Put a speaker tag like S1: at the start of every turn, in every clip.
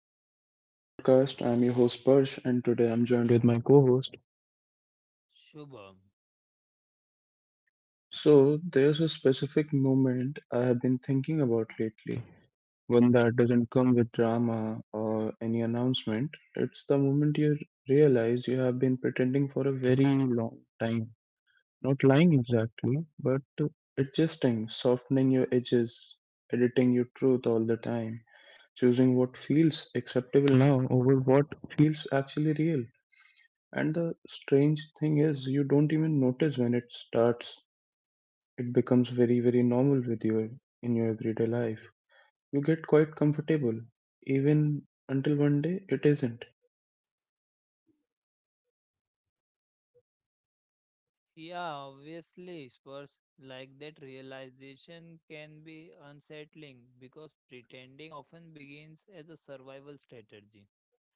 S1: welcome back to my podcast. I'm your host Parsh and today I'm joined with my co-host.
S2: Shubham.
S1: So, there's a specific moment I have been thinking about lately, one that doesn't come with drama or any announcement. It's the moment you realize you have been pretending for a very long time. Not lying exactly, but adjusting, softening your edges, editing your truth all the time, choosing what feels acceptable now over what feels actually real. And the strange thing is, you don't even notice when it starts. It becomes very, very normal with you in your everyday life. You get quite comfortable, even until one day it isn't.
S2: Yeah, obviously, spurs like that realization can be unsettling because pretending often begins as a survival strategy.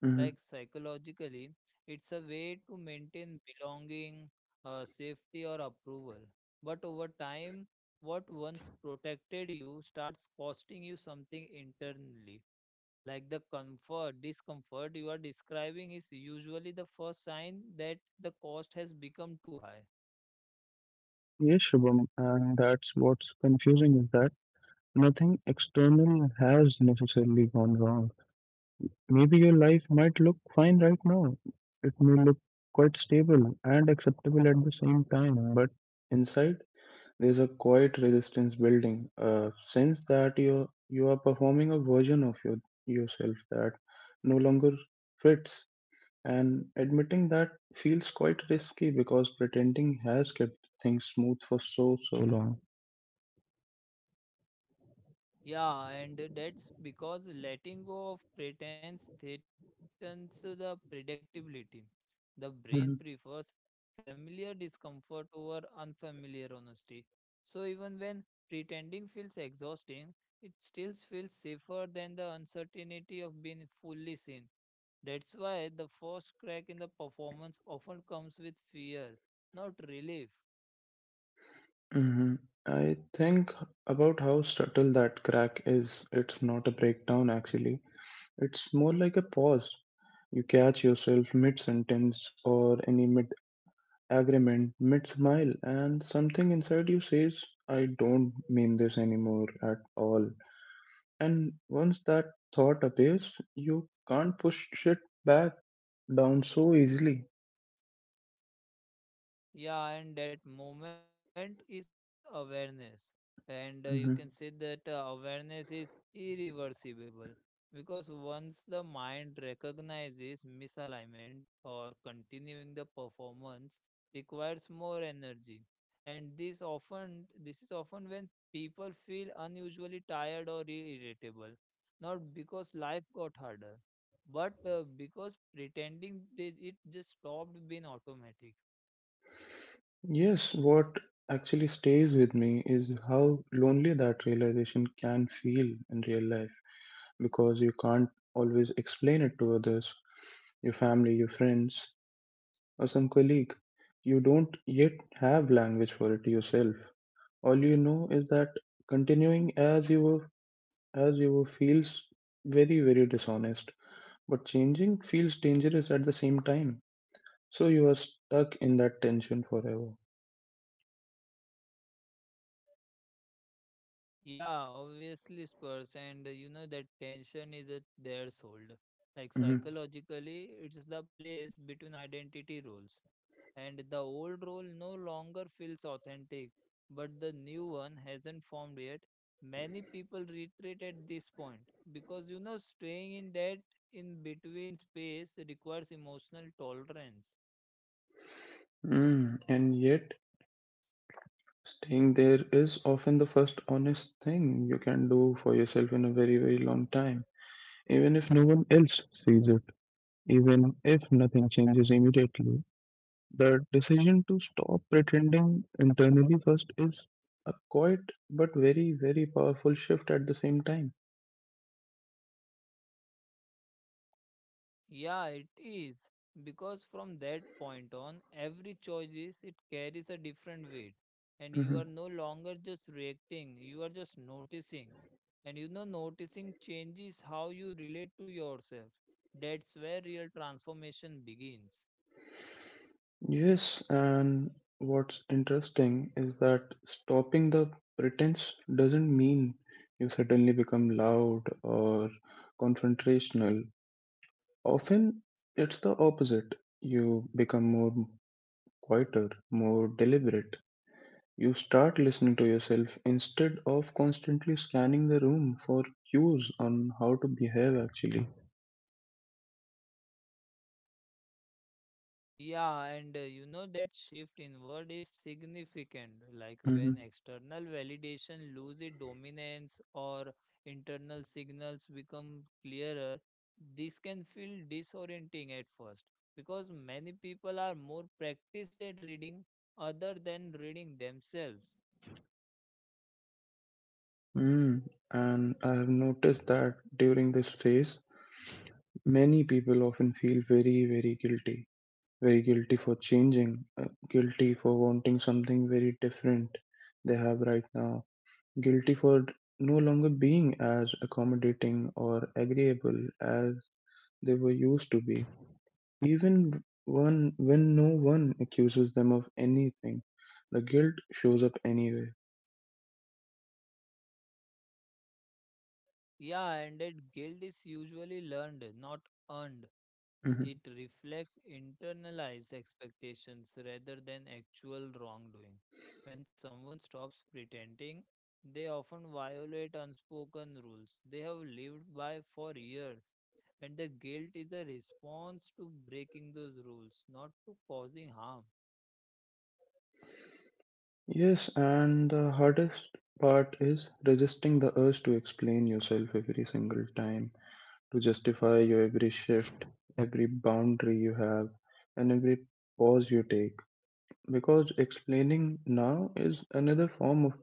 S1: Hmm.
S2: Like psychologically, it's a way to maintain belonging, safety, or approval. But over time, what once protected you starts costing you something internally. Like the comfort, discomfort you are describing is usually the first sign that the cost has become too high.
S1: Yes, Shubham, and that's what's confusing is that nothing external has necessarily gone wrong. Maybe your life might look fine right now. It may look quite stable and acceptable at the same time, but inside, there's a quiet resistance building, a sense that you are performing a version of yourself that no longer fits, and admitting that feels quite risky because pretending has kept things smooth for so long.
S2: Yeah, and that's because letting go of pretense threatens the predictability. The
S1: Mhm.
S2: brain prefers familiar discomfort over unfamiliar honesty. So even when pretending feels exhausting, it still feels safer than the uncertainty of being fully seen. That's why the first crack in the performance often comes with fear, not relief.
S1: Mhm. I think about how subtle that crack is. It's not a breakdown actually. It's more like a pause. You catch yourself mid sentence or any mid agreement mid smile, and something inside you says, I don't mean this anymore at all. And once that thought appears, you can't push it back down so easily.
S2: Yeah, and that moment is awareness. And you can
S1: Mhm.
S2: say that awareness is irreversible because once the mind recognizes misalignment or continuing the performance requires more energy. And this is often when people feel unusually tired or irritable, not because life got harder, but because it just stopped being automatic.
S1: Yes, what actually stays with me is how lonely that realization can feel in real life because you can't always explain it to others, your family, your friends, or some colleague. You don't yet have language for it yourself. All you know is that continuing as you were feels very very dishonest, but changing feels dangerous at the same time, so you are stuck in that tension forever.
S2: Yeah, obviously, Spurs, and you know that tension is at their soul. Like
S1: Hmm.
S2: psychologically, it's the place between identity roles, and the old role no longer feels authentic, but the new one hasn't formed yet. Many people retreat at this point because you know staying in that in between space requires emotional tolerance.
S1: Mm, and yet staying there is often the first honest thing you can do for yourself in a very very long time, even if no one else sees it, even if nothing changes immediately. The decision to stop pretending internally first is a quiet but very, very powerful shift at the same time.
S2: Yeah, it is. Because from that point on, it carries a different weight. And you are
S1: Hmm.
S2: no longer just reacting, you are just noticing. And you know, noticing changes how you relate to yourself. That's where real transformation begins.
S1: Yes, and what's interesting is that stopping the pretense doesn't mean you suddenly become loud or confrontational. Often it's the opposite. You become more quieter, more deliberate. You start listening to yourself instead of constantly scanning the room for cues on how to behave actually.
S2: Yeah, and you know that shift inward is significant. Like when
S1: Mhm.
S2: external validation loses dominance or internal signals become clearer, this can feel disorienting at first because many people are more practiced at reading other than reading themselves.
S1: Mm. And I have noticed that during this phase, many people often feel very, very guilty. Very guilty for changing, uh, guilty for wanting something very different they have right now, guilty for no longer being as accommodating or agreeable as they were used to be. Even one, when no one accuses them of anything, the guilt shows up anyway.
S2: Yeah, and that guilt is usually learned, not earned.
S1: Mhm.
S2: It reflects internalized expectations rather than actual wrongdoing. When someone stops pretending, they often violate unspoken rules they have lived by for years, and the guilt is a response to breaking those rules, not to causing harm.
S1: Yes, and the hardest part is resisting the urge to explain yourself every single time, to justify your every shift, every boundary you have, and every pause you take. Because explaining now is another form of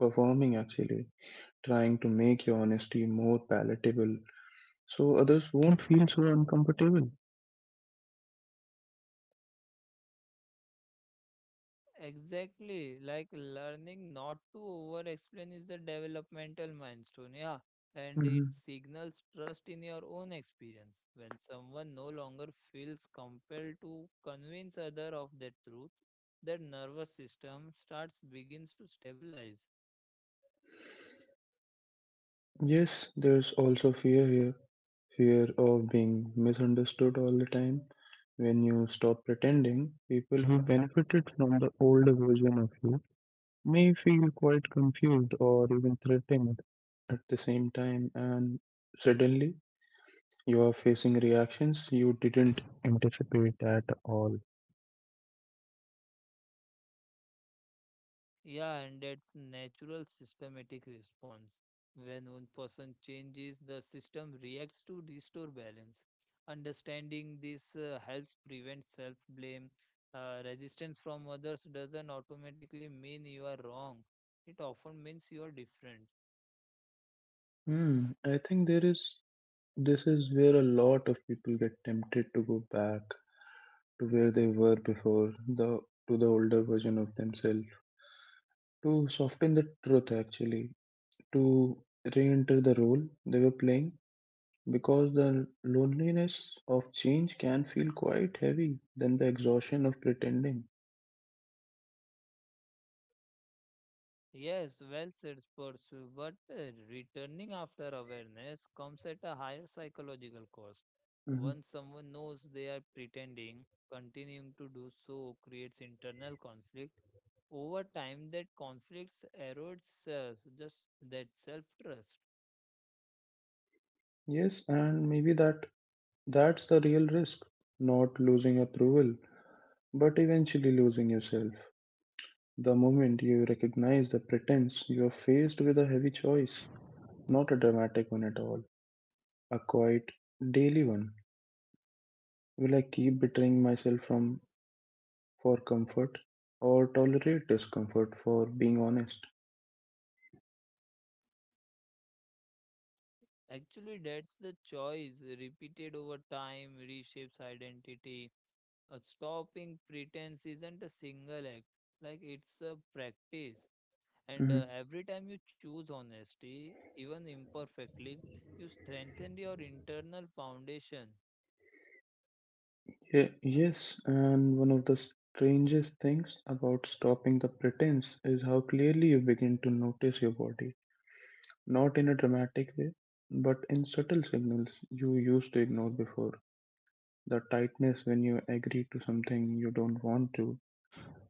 S1: performing, actually, trying to make your honesty more palatable so others won't feel so uncomfortable.
S2: Exactly, like learning not to over explain is a developmental milestone, yeah, and it
S1: Mhm.
S2: signals trust in your own experience. When someone no longer feels compelled to convince other of the truth, their nervous system starts begins to stabilize.
S1: Yes, there's also fear here, fear of being misunderstood all the time. When you stop pretending, people who benefited from the older version of you may feel quite confused or even threatened at the same time, and suddenly you are facing reactions you didn't anticipate at all.
S2: Yeah, and that's natural systematic response. When one person changes, the system reacts to restore balance. Understanding this helps prevent self blame. Resistance from others doesn't automatically mean you are wrong, it often means you are different.
S1: Hmm, I think there is this is where a lot of people get tempted to go back to where they were before, the to the older version of themselves, to soften the truth actually, to re-enter the role they were playing, because the loneliness of change can feel quite heavy than the exhaustion of pretending.
S2: Yes, well said, Spursu, but returning after awareness comes at a higher psychological cost.
S1: Mhm.
S2: Once someone knows they are pretending, continuing to do so creates internal conflict. Over time, that conflicts erodes just that self-trust.
S1: Yes, and maybe that's the real risk, not losing approval, but eventually losing yourself. The moment you recognize the pretense, you are faced with a heavy choice, not a dramatic one at all, a quiet, daily one. Will I keep betraying myself from for comfort or tolerate discomfort for being honest?
S2: Actually, that's the choice repeated over time reshapes identity. Stopping pretense isn't a single act, like it's a practice. And
S1: Hmm.
S2: every time you choose honesty, even imperfectly, you strengthen your internal foundation.
S1: Yeah, yes, and one of the strangest things about stopping the pretense is how clearly you begin to notice your body, not in a dramatic way, but in subtle signals you used to ignore before. The tightness when you agree to something you don't want to,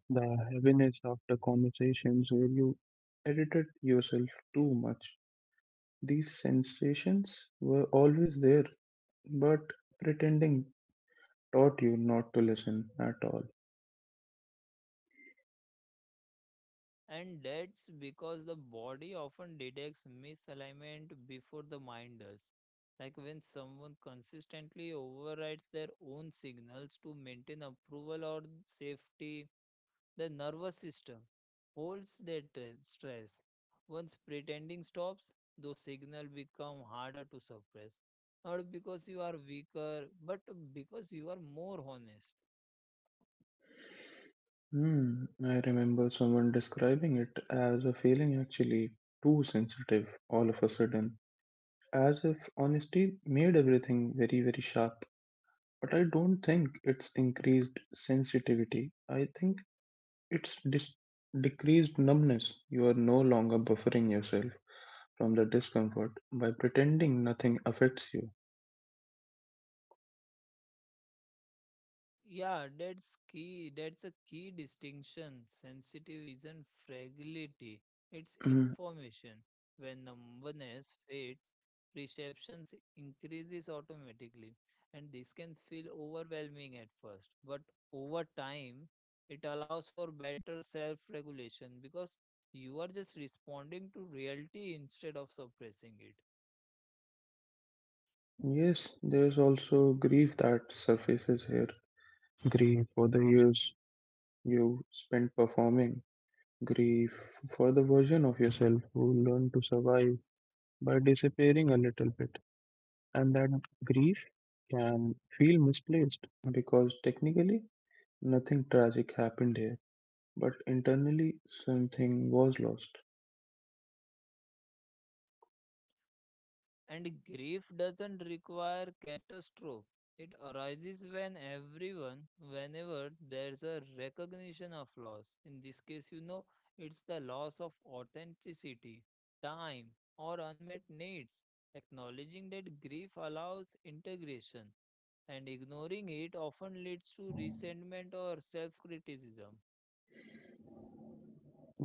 S1: the heaviness after conversations where you edited yourself too much. These sensations were always there, but pretending taught you not to listen at all.
S2: And that's because the body often detects misalignment before the mind does. Like when someone consistently overrides their own signals to maintain approval or safety, the nervous system holds that stress. Once pretending stops, those signals become harder to suppress. Not because you are weaker, but because you are more honest.
S1: Hmm, I remember someone describing it as a feeling actually too sensitive all of a sudden, as if honesty made everything very, very sharp. But I don't think it's increased sensitivity. I think it's decreased numbness. You are no longer buffering yourself from the discomfort by pretending nothing affects you.
S2: Yeah, that's key. That's a key distinction. Sensitive isn't fragility, it's
S1: Mm.
S2: information. When numbness fades, perception increases automatically, and this can feel overwhelming at first. But over time, it allows for better self regulation because you are just responding to reality instead of suppressing it.
S1: Yes, there's also grief that surfaces here. Grief for the years you spent performing, grief for the version of yourself who learned to survive by disappearing a little bit. And that grief can feel misplaced because technically nothing tragic happened here, but internally something was lost.
S2: And grief doesn't require catastrophe. It arises when everyone, whenever there's a recognition of loss. In this case, you know, it's the loss of authenticity, time, or unmet needs. Acknowledging that grief allows integration, and ignoring it often leads to resentment or self criticism.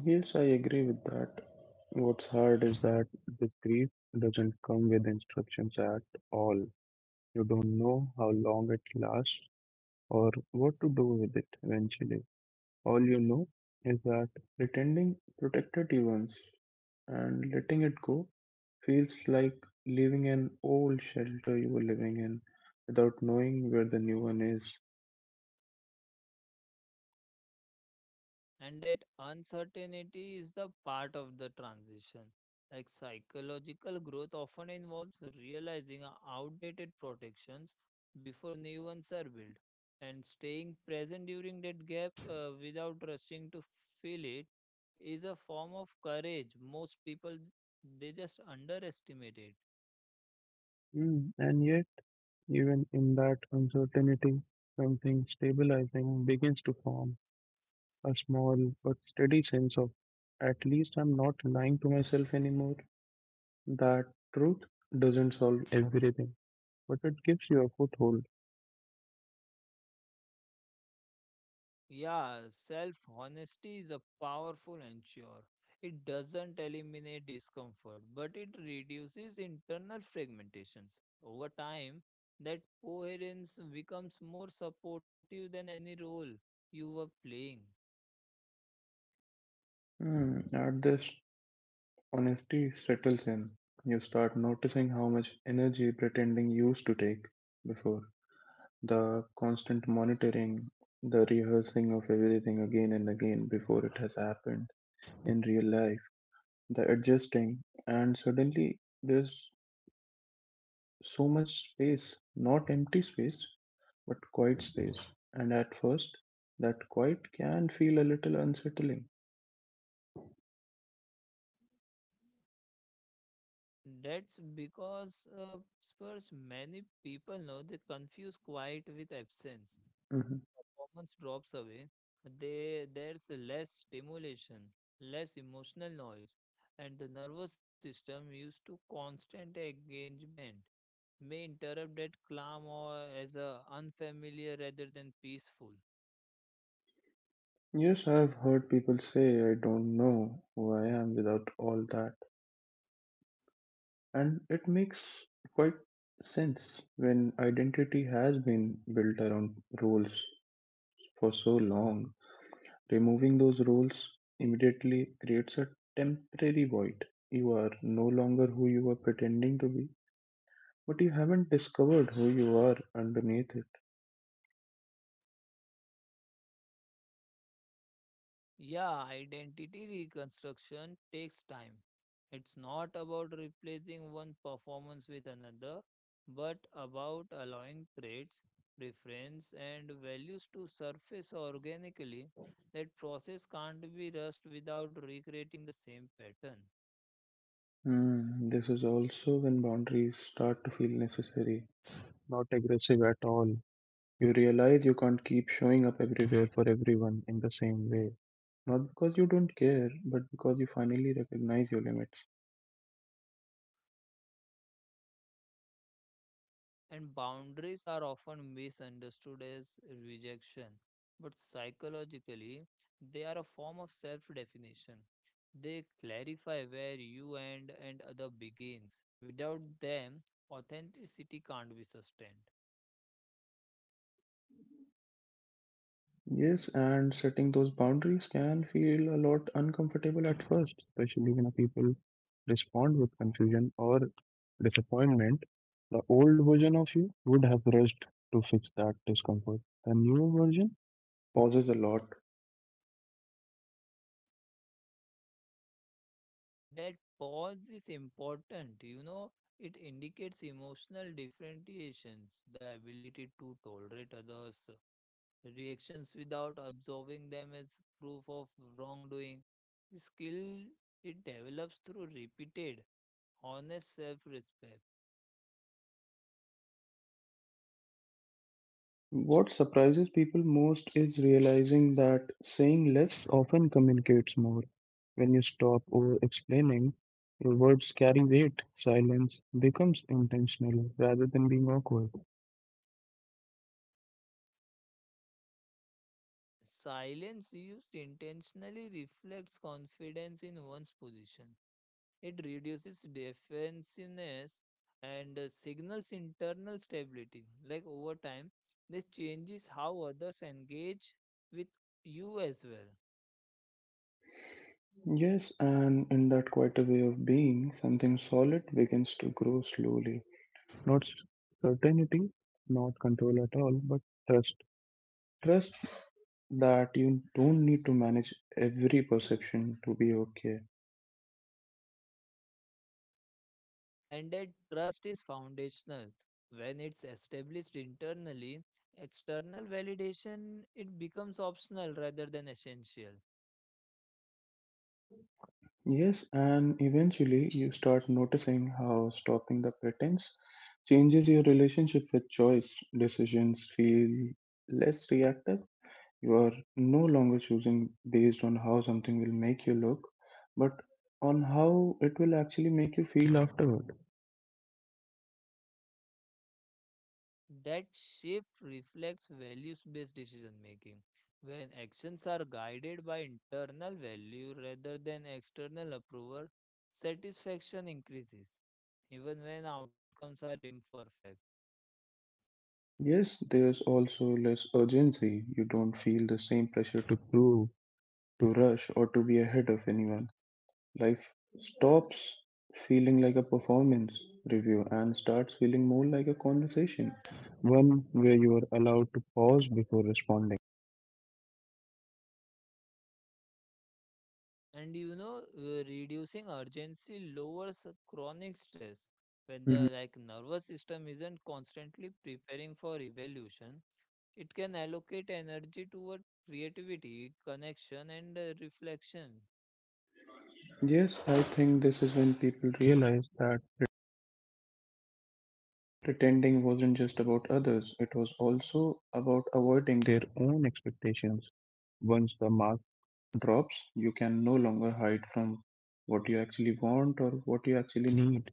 S1: Yes, I agree with that. What's hard is that this grief doesn't come with instructions at all. You don't know how long it lasts or what to do with it eventually. All you know is that pretending protected you once and letting it go feels like leaving an old shelter you were living in without knowing where the new one is.
S2: And that uncertainty is the part of the transition. Like psychological growth often involves realizing our outdated protections before new ones are built, and staying present during that gap without rushing to fill it is a form of courage most people they just underestimate it
S1: Mm, and yet, even in that uncertainty, something stabilizing begins to form, a small but steady sense of at least I'm not lying to myself anymore. That truth doesn't solve everything, but it gives you a foothold.
S2: Yeah, self honesty is a powerful ensure. It doesn't eliminate discomfort, but it reduces internal fragmentations. Over time, that coherence becomes more supportive than any role you were playing.
S1: Hmm, at this, honesty settles in. You start noticing how much energy pretending used to take before. The constant monitoring, the rehearsing of everything again and again before it has happened in real life, the adjusting, and suddenly there's so much space, not empty space, but quiet space. And at first, that quiet can feel a little unsettling.
S2: That's because Spurs, many people know they confuse quiet with absence.
S1: Mhm.
S2: Performance drops away, there's less stimulation, less emotional noise, and the nervous system used to constant engagement may interrupt that calm or as a unfamiliar rather than peaceful.
S1: Yes, I've heard people say, I don't know who I am without all that. And it makes quite sense when identity has been built around roles for so long. Removing those roles immediately creates a temporary void. You are no longer who you were pretending to be, but you haven't discovered who you are underneath it.
S2: Yeah, identity reconstruction takes time. It's not about replacing one performance with another, but about allowing traits, preference, and values to surface organically. That process can't be rushed without recreating the same pattern.
S1: Hmm, this is also when boundaries start to feel necessary, not aggressive at all. You realize you can't keep showing up everywhere for everyone in the same way. Not because you don't care, but because you finally recognize your limits.
S2: And boundaries are often misunderstood as rejection, but psychologically, they are a form of self definition. They clarify where you end and other begins. Without them, authenticity can't be sustained.
S1: Yes, and setting those boundaries can feel a lot uncomfortable at first, especially when people respond with confusion or disappointment. The old version of you would have rushed to fix that discomfort. The new version pauses a lot.
S2: That pause is important, you know, it indicates emotional differentiations, the ability to tolerate others, reactions without absorbing them, is proof of wrongdoing. Skill it develops through repeated, honest self respect.
S1: What surprises people most is realizing that saying less often communicates more. When you stop over explaining, your words carry weight. Silence becomes intentional rather than being awkward.
S2: Silence used intentionally reflects confidence in one's position. It reduces defensiveness and signals internal stability. Like over time, this changes how others engage with you as well.
S1: Yes, and in that quieter way of being, something solid begins to grow slowly. Not certainty, not control at all, but trust. Trust that you don't need to manage every perception to be okay.
S2: And that trust is foundational. When it's established internally, external validation it becomes optional rather than essential.
S1: Yes, and eventually you start noticing how stopping the pretense changes your relationship with choice. Decisions feel less reactive. You are no longer choosing based on how something will make you look, but on how it will actually make you feel afterward.
S2: That shift reflects values-based decision making. When actions are guided by internal value rather than external approval, satisfaction increases, even when outcomes are imperfect.
S1: Yes, there's also less urgency. You don't feel the same pressure to prove, to rush, or to be ahead of anyone. Life stops feeling like a performance review and starts feeling more like a conversation, one where you are allowed to pause before responding.
S2: And you know, reducing urgency lowers chronic stress. When the
S1: Mhm.
S2: like nervous system isn't constantly preparing for evolution, it can allocate energy toward creativity, connection, and reflection.
S1: Yes, I think this is when people realize that pretending wasn't just about others, it was also about avoiding their own expectations. Once the mask drops, you can no longer hide from what you actually want or what you actually need.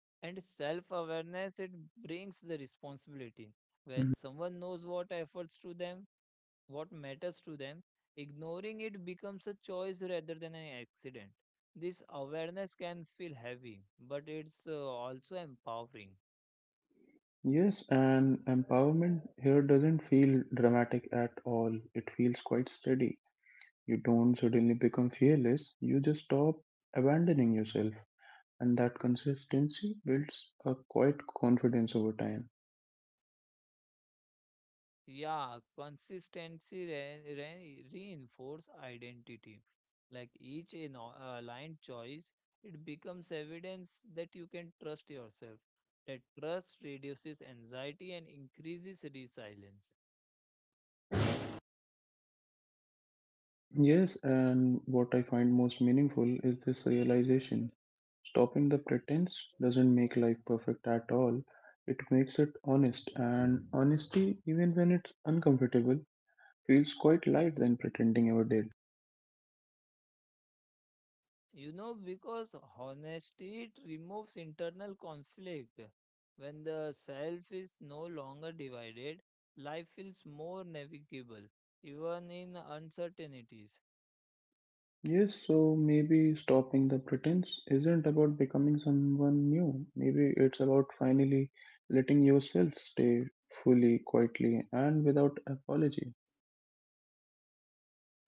S2: And self-awareness, it brings the responsibility. When
S1: Mhm.
S2: someone knows what efforts to them what matters to them, ignoring it becomes a choice rather than an accident. This awareness can feel heavy, but it's also empowering.
S1: Yes, and empowerment here doesn't feel dramatic at all. It feels quite steady. You don't suddenly become fearless, you just stop abandoning yourself. And that consistency builds a quiet confidence over time.
S2: Yeah, consistency reinforce identity. Like each aligned choice, it becomes evidence that you can trust yourself. That trust reduces anxiety and increases resilience.
S1: Yes, and what I find most meaningful is this realization. Stopping the pretense doesn't make life perfect at all. It makes it honest, and honesty, even when it's uncomfortable, feels quite light than pretending ever did.
S2: You know, because honesty it removes internal conflict. When the self is no longer divided, life feels more navigable, even in uncertainties.
S1: Yes, so maybe stopping the pretense isn't about becoming someone new. Maybe it's about finally letting yourself stay fully, quietly, and without apology.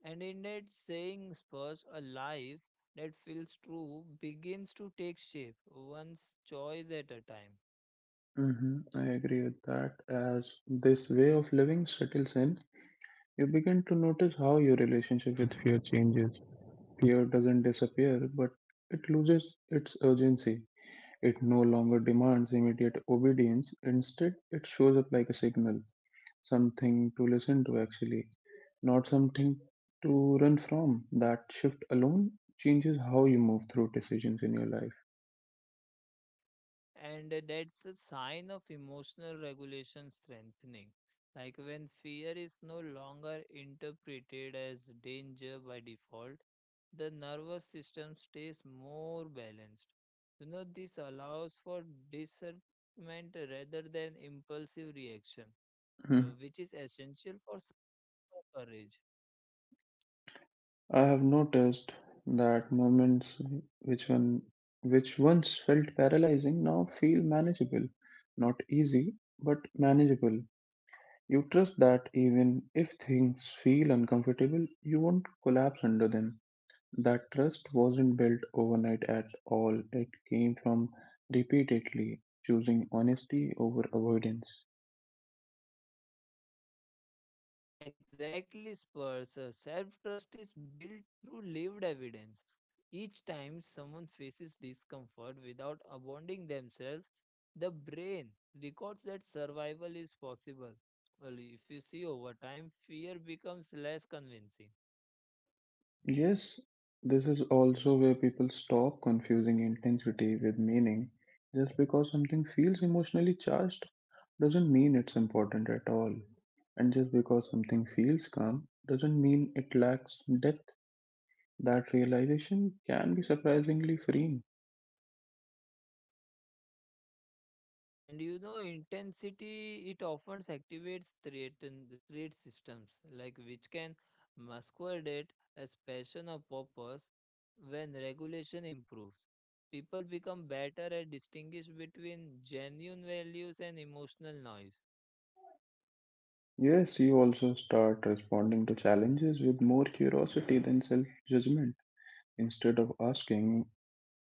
S2: And in that saying spurs a life that feels true begins to take shape, one's choice at a time.
S1: Hmm, I agree with that. As this way of living settles in, you begin to notice how your relationship with fear changes. Fear doesn't disappear, but it loses its urgency. It no longer demands immediate obedience. Instead, it shows up like a signal, something to listen to, actually, not something to run from. That shift alone changes how you move through decisions in your
S2: And that's a sign of emotional regulation strengthening. Like when fear is no longer interpreted as danger by default, the nervous system stays more balanced. You know, this allows for discernment rather than impulsive reaction,
S1: life.
S2: which is essential for courage.
S1: I have noticed that moments which one which once felt paralyzing now feel manageable. Not easy, but manageable. You trust that even if things feel uncomfortable, you won't collapse under them. That trust wasn't built overnight at all. It came from repeatedly choosing honesty over avoidance.
S2: Exactly, Spurs. Self trust is built through lived evidence. Each time someone faces discomfort without abandoning themselves, the brain records that survival is possible. Well, if you see over time, fear becomes less convincing.
S1: Yes, this is also where people stop confusing intensity with meaning. Just because something feels emotionally charged doesn't mean it's important at all. And just because something feels calm doesn't mean it lacks depth. That realization can be surprisingly freeing.
S2: And you know, intensity it often activates threat and threat systems, like which can masquerade as passion or purpose when regulation improves. People become better at distinguish between genuine values and emotional noise.
S1: Yes, you also start responding to challenges with more curiosity than self judgment. Instead of asking,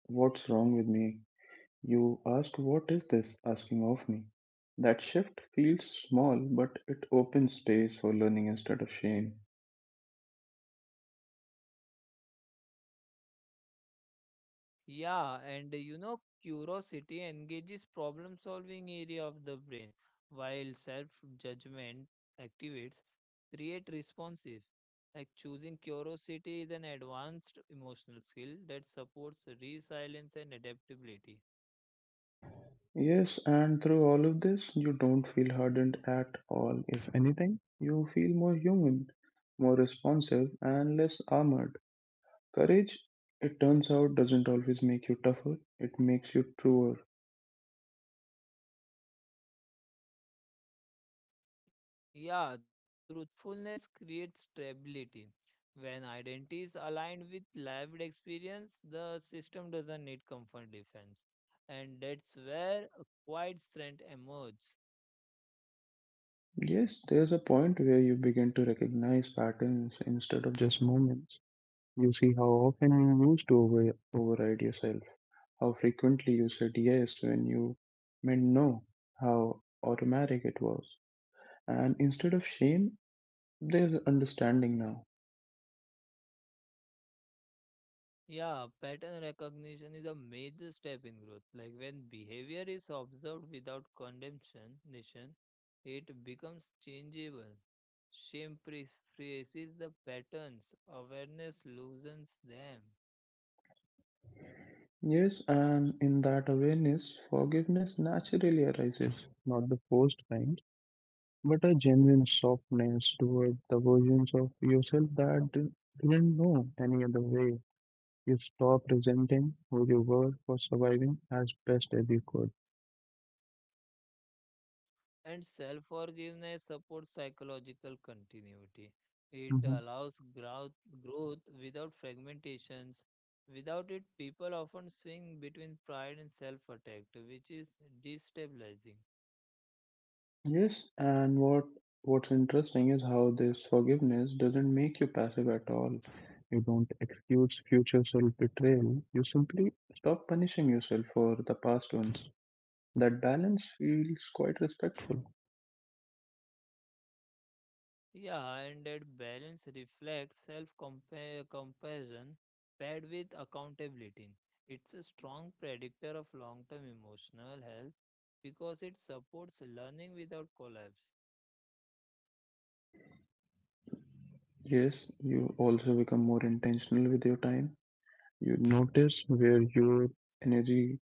S1: "What's wrong with me?" You ask, "What is this asking of me?" That shift feels small, but it opens space for learning instead of shame.
S2: Yeah, and you know, curiosity engages problem solving area of the brain, while self judgment activates create responses. Like choosing curiosity is an advanced emotional skill that supports resilience and adaptability.
S1: Yes, and through all of this, you don't feel hardened at all. If anything, you feel more human, more responsive, and less armored. Courage, it turns out, doesn't always make you tougher, it makes you truer.
S2: Yeah, truthfulness creates stability. When identity is aligned with lived experience, the system doesn't need comfort defense. And that's where a quiet strength emerges.
S1: Yes, there's a point where you begin to recognize patterns instead of just moments. You see how often you used to override yourself, how frequently you said yes when you meant no, how automatic it was. And instead of shame, there's understanding now.
S2: Yeah, pattern recognition is a major step in growth. Like when behavior is observed without condemnation, it becomes changeable. Shame prefaces the patterns, awareness loosens them,
S1: Yes, and in that awareness, forgiveness naturally arises, not the forced kind, but a genuine softness toward the versions of yourself that didn't know any other way. You stop resenting who you were for surviving as best as you could.
S2: and self forgiveness supports psychological continuity. It
S1: Mm-hmm.
S2: allows growth without fragmentations. Without it, people often swing between pride and self attack, which is destabilizing.
S1: Yes, and what's interesting is how this forgiveness doesn't make you passive at all. You don't excuse future self-betrayal. You simply stop punishing yourself for the past ones. That balance feels quite respectful.
S2: Yeah, and that balance reflects self comparison paired with accountability. It's a strong predictor of long term emotional health because it supports learning without collapse.
S1: Yes, you also become more intentional with your time. You notice where your energy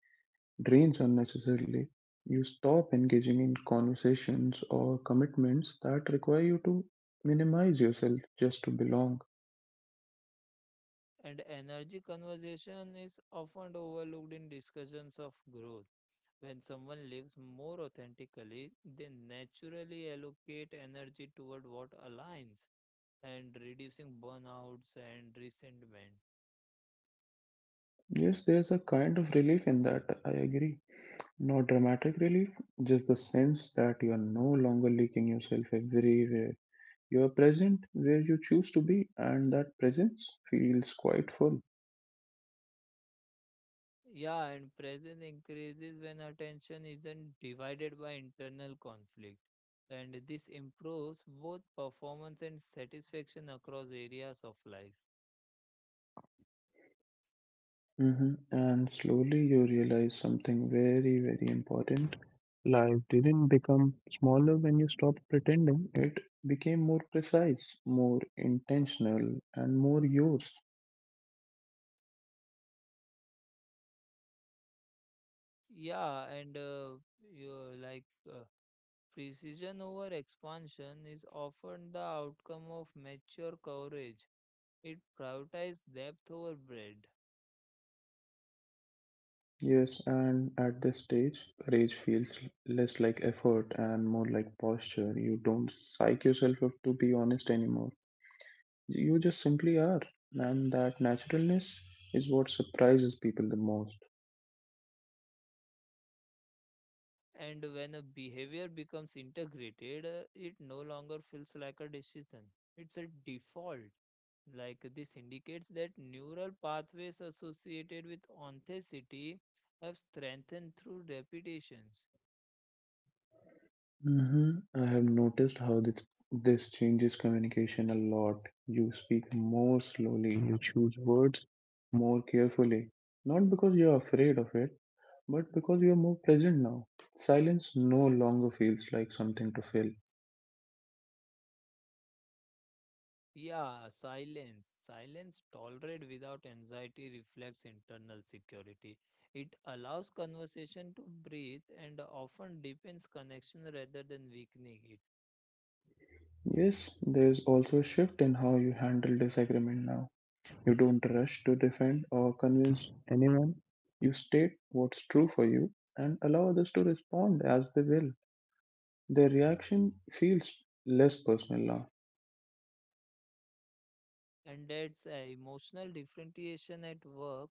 S1: drains unnecessarily. You stop engaging in conversations or commitments that require you to minimize yourself just to belong.
S2: And energy conversation is often overlooked in discussions of growth. When someone lives more authentically, they naturally allocate energy toward what aligns and reducing burnouts and resentment.
S1: Yes, there's a kind of relief in that, I agree. Not dramatic relief, just the sense that you are no longer leaking yourself everywhere. You are present where you choose to be, and that presence feels quite full.
S2: Yeah, and presence increases when attention isn't divided by internal conflict. And this improves both performance and satisfaction across areas of life.
S1: Hmm. And slowly you realize something very, very important. Life didn't become smaller when you stopped pretending, it became more precise, more intentional, and more yours.
S2: Yeah, and you, like precision over expansion is often the outcome of mature courage. It prioritizes depth over breadth.
S1: Yes, and at this stage, courage feels less like effort and more like posture. You don't psych yourself up to be honest anymore. You just simply are. And that naturalness is what surprises people the most.
S2: And when a behavior becomes integrated, it no longer feels like a decision. It's a default. Like this indicates that neural pathways associated with authenticity have strengthened through repetitions.
S1: Hmm. I have noticed how this changes communication a lot. You speak more slowly, you choose words more carefully, not because you're afraid of it, but because you're more present now. Silence no longer feels like something to fill.
S2: Yeah, silence tolerate without anxiety reflects internal security. It allows conversation to breathe and often deepens connection rather than weakening it.
S1: Yes, there's also a shift in how you handle disagreement now. You don't rush to defend or convince anyone. You state what's true for you and allow others to respond as they will. The reaction feels less personal now.
S2: And that's a emotional differentiation at work.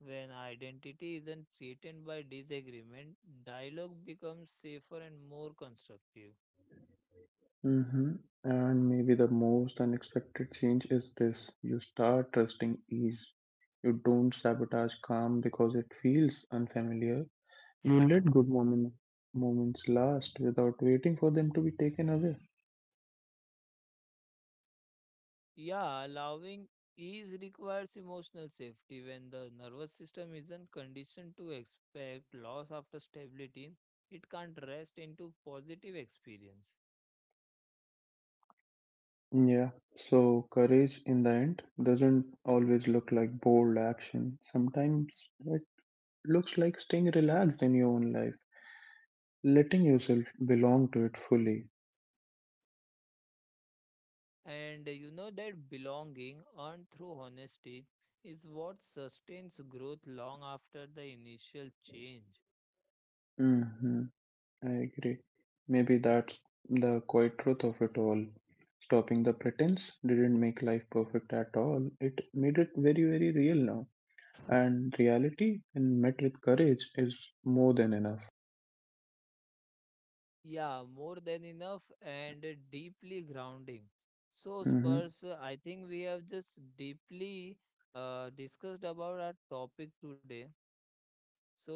S2: When identity isn't threatened by disagreement, dialogue becomes safer and more constructive.
S1: Hmm. And maybe the most unexpected change is this: you start trusting ease. You don't sabotage calm because it feels unfamiliar. You let moments last without waiting for them to be taken away.
S2: Yeah, allowing ease requires emotional safety when the nervous system isn't conditioned to expect loss after stability, it can't rest into positive experience.
S1: Yeah, so courage in the end doesn't always look like bold action. Sometimes it looks like staying relaxed in your own life, letting yourself belong to it fully.
S2: And you know that belonging earned through honesty is what sustains growth long after the initial change.
S1: Mm-hmm. I agree. Maybe that's the quiet truth of it all. Stopping the pretense didn't make life perfect at all. It made it very, very real now. And reality, when met with courage, is more than enough.
S2: Yeah, more than enough and deeply grounding. So,
S1: Mm-hmm.
S2: Spurs, I think we have just deeply discussed about our topic today.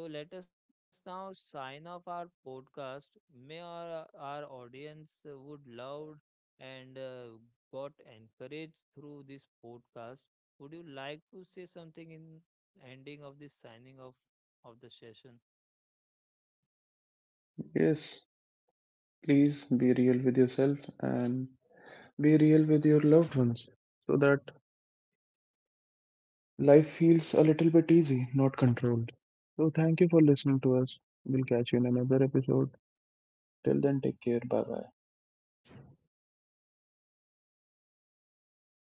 S2: So let us now sign off our podcast. May our audience would love and got encouraged through this podcast. Would you like to say something in ending of this signing off of the session?
S1: Yes, please be real with yourself and be real with your loved ones so that life feels a little bit easy, not controlled. So, thank you for listening to us. We'll catch you in another episode. Till then, take care. Bye bye.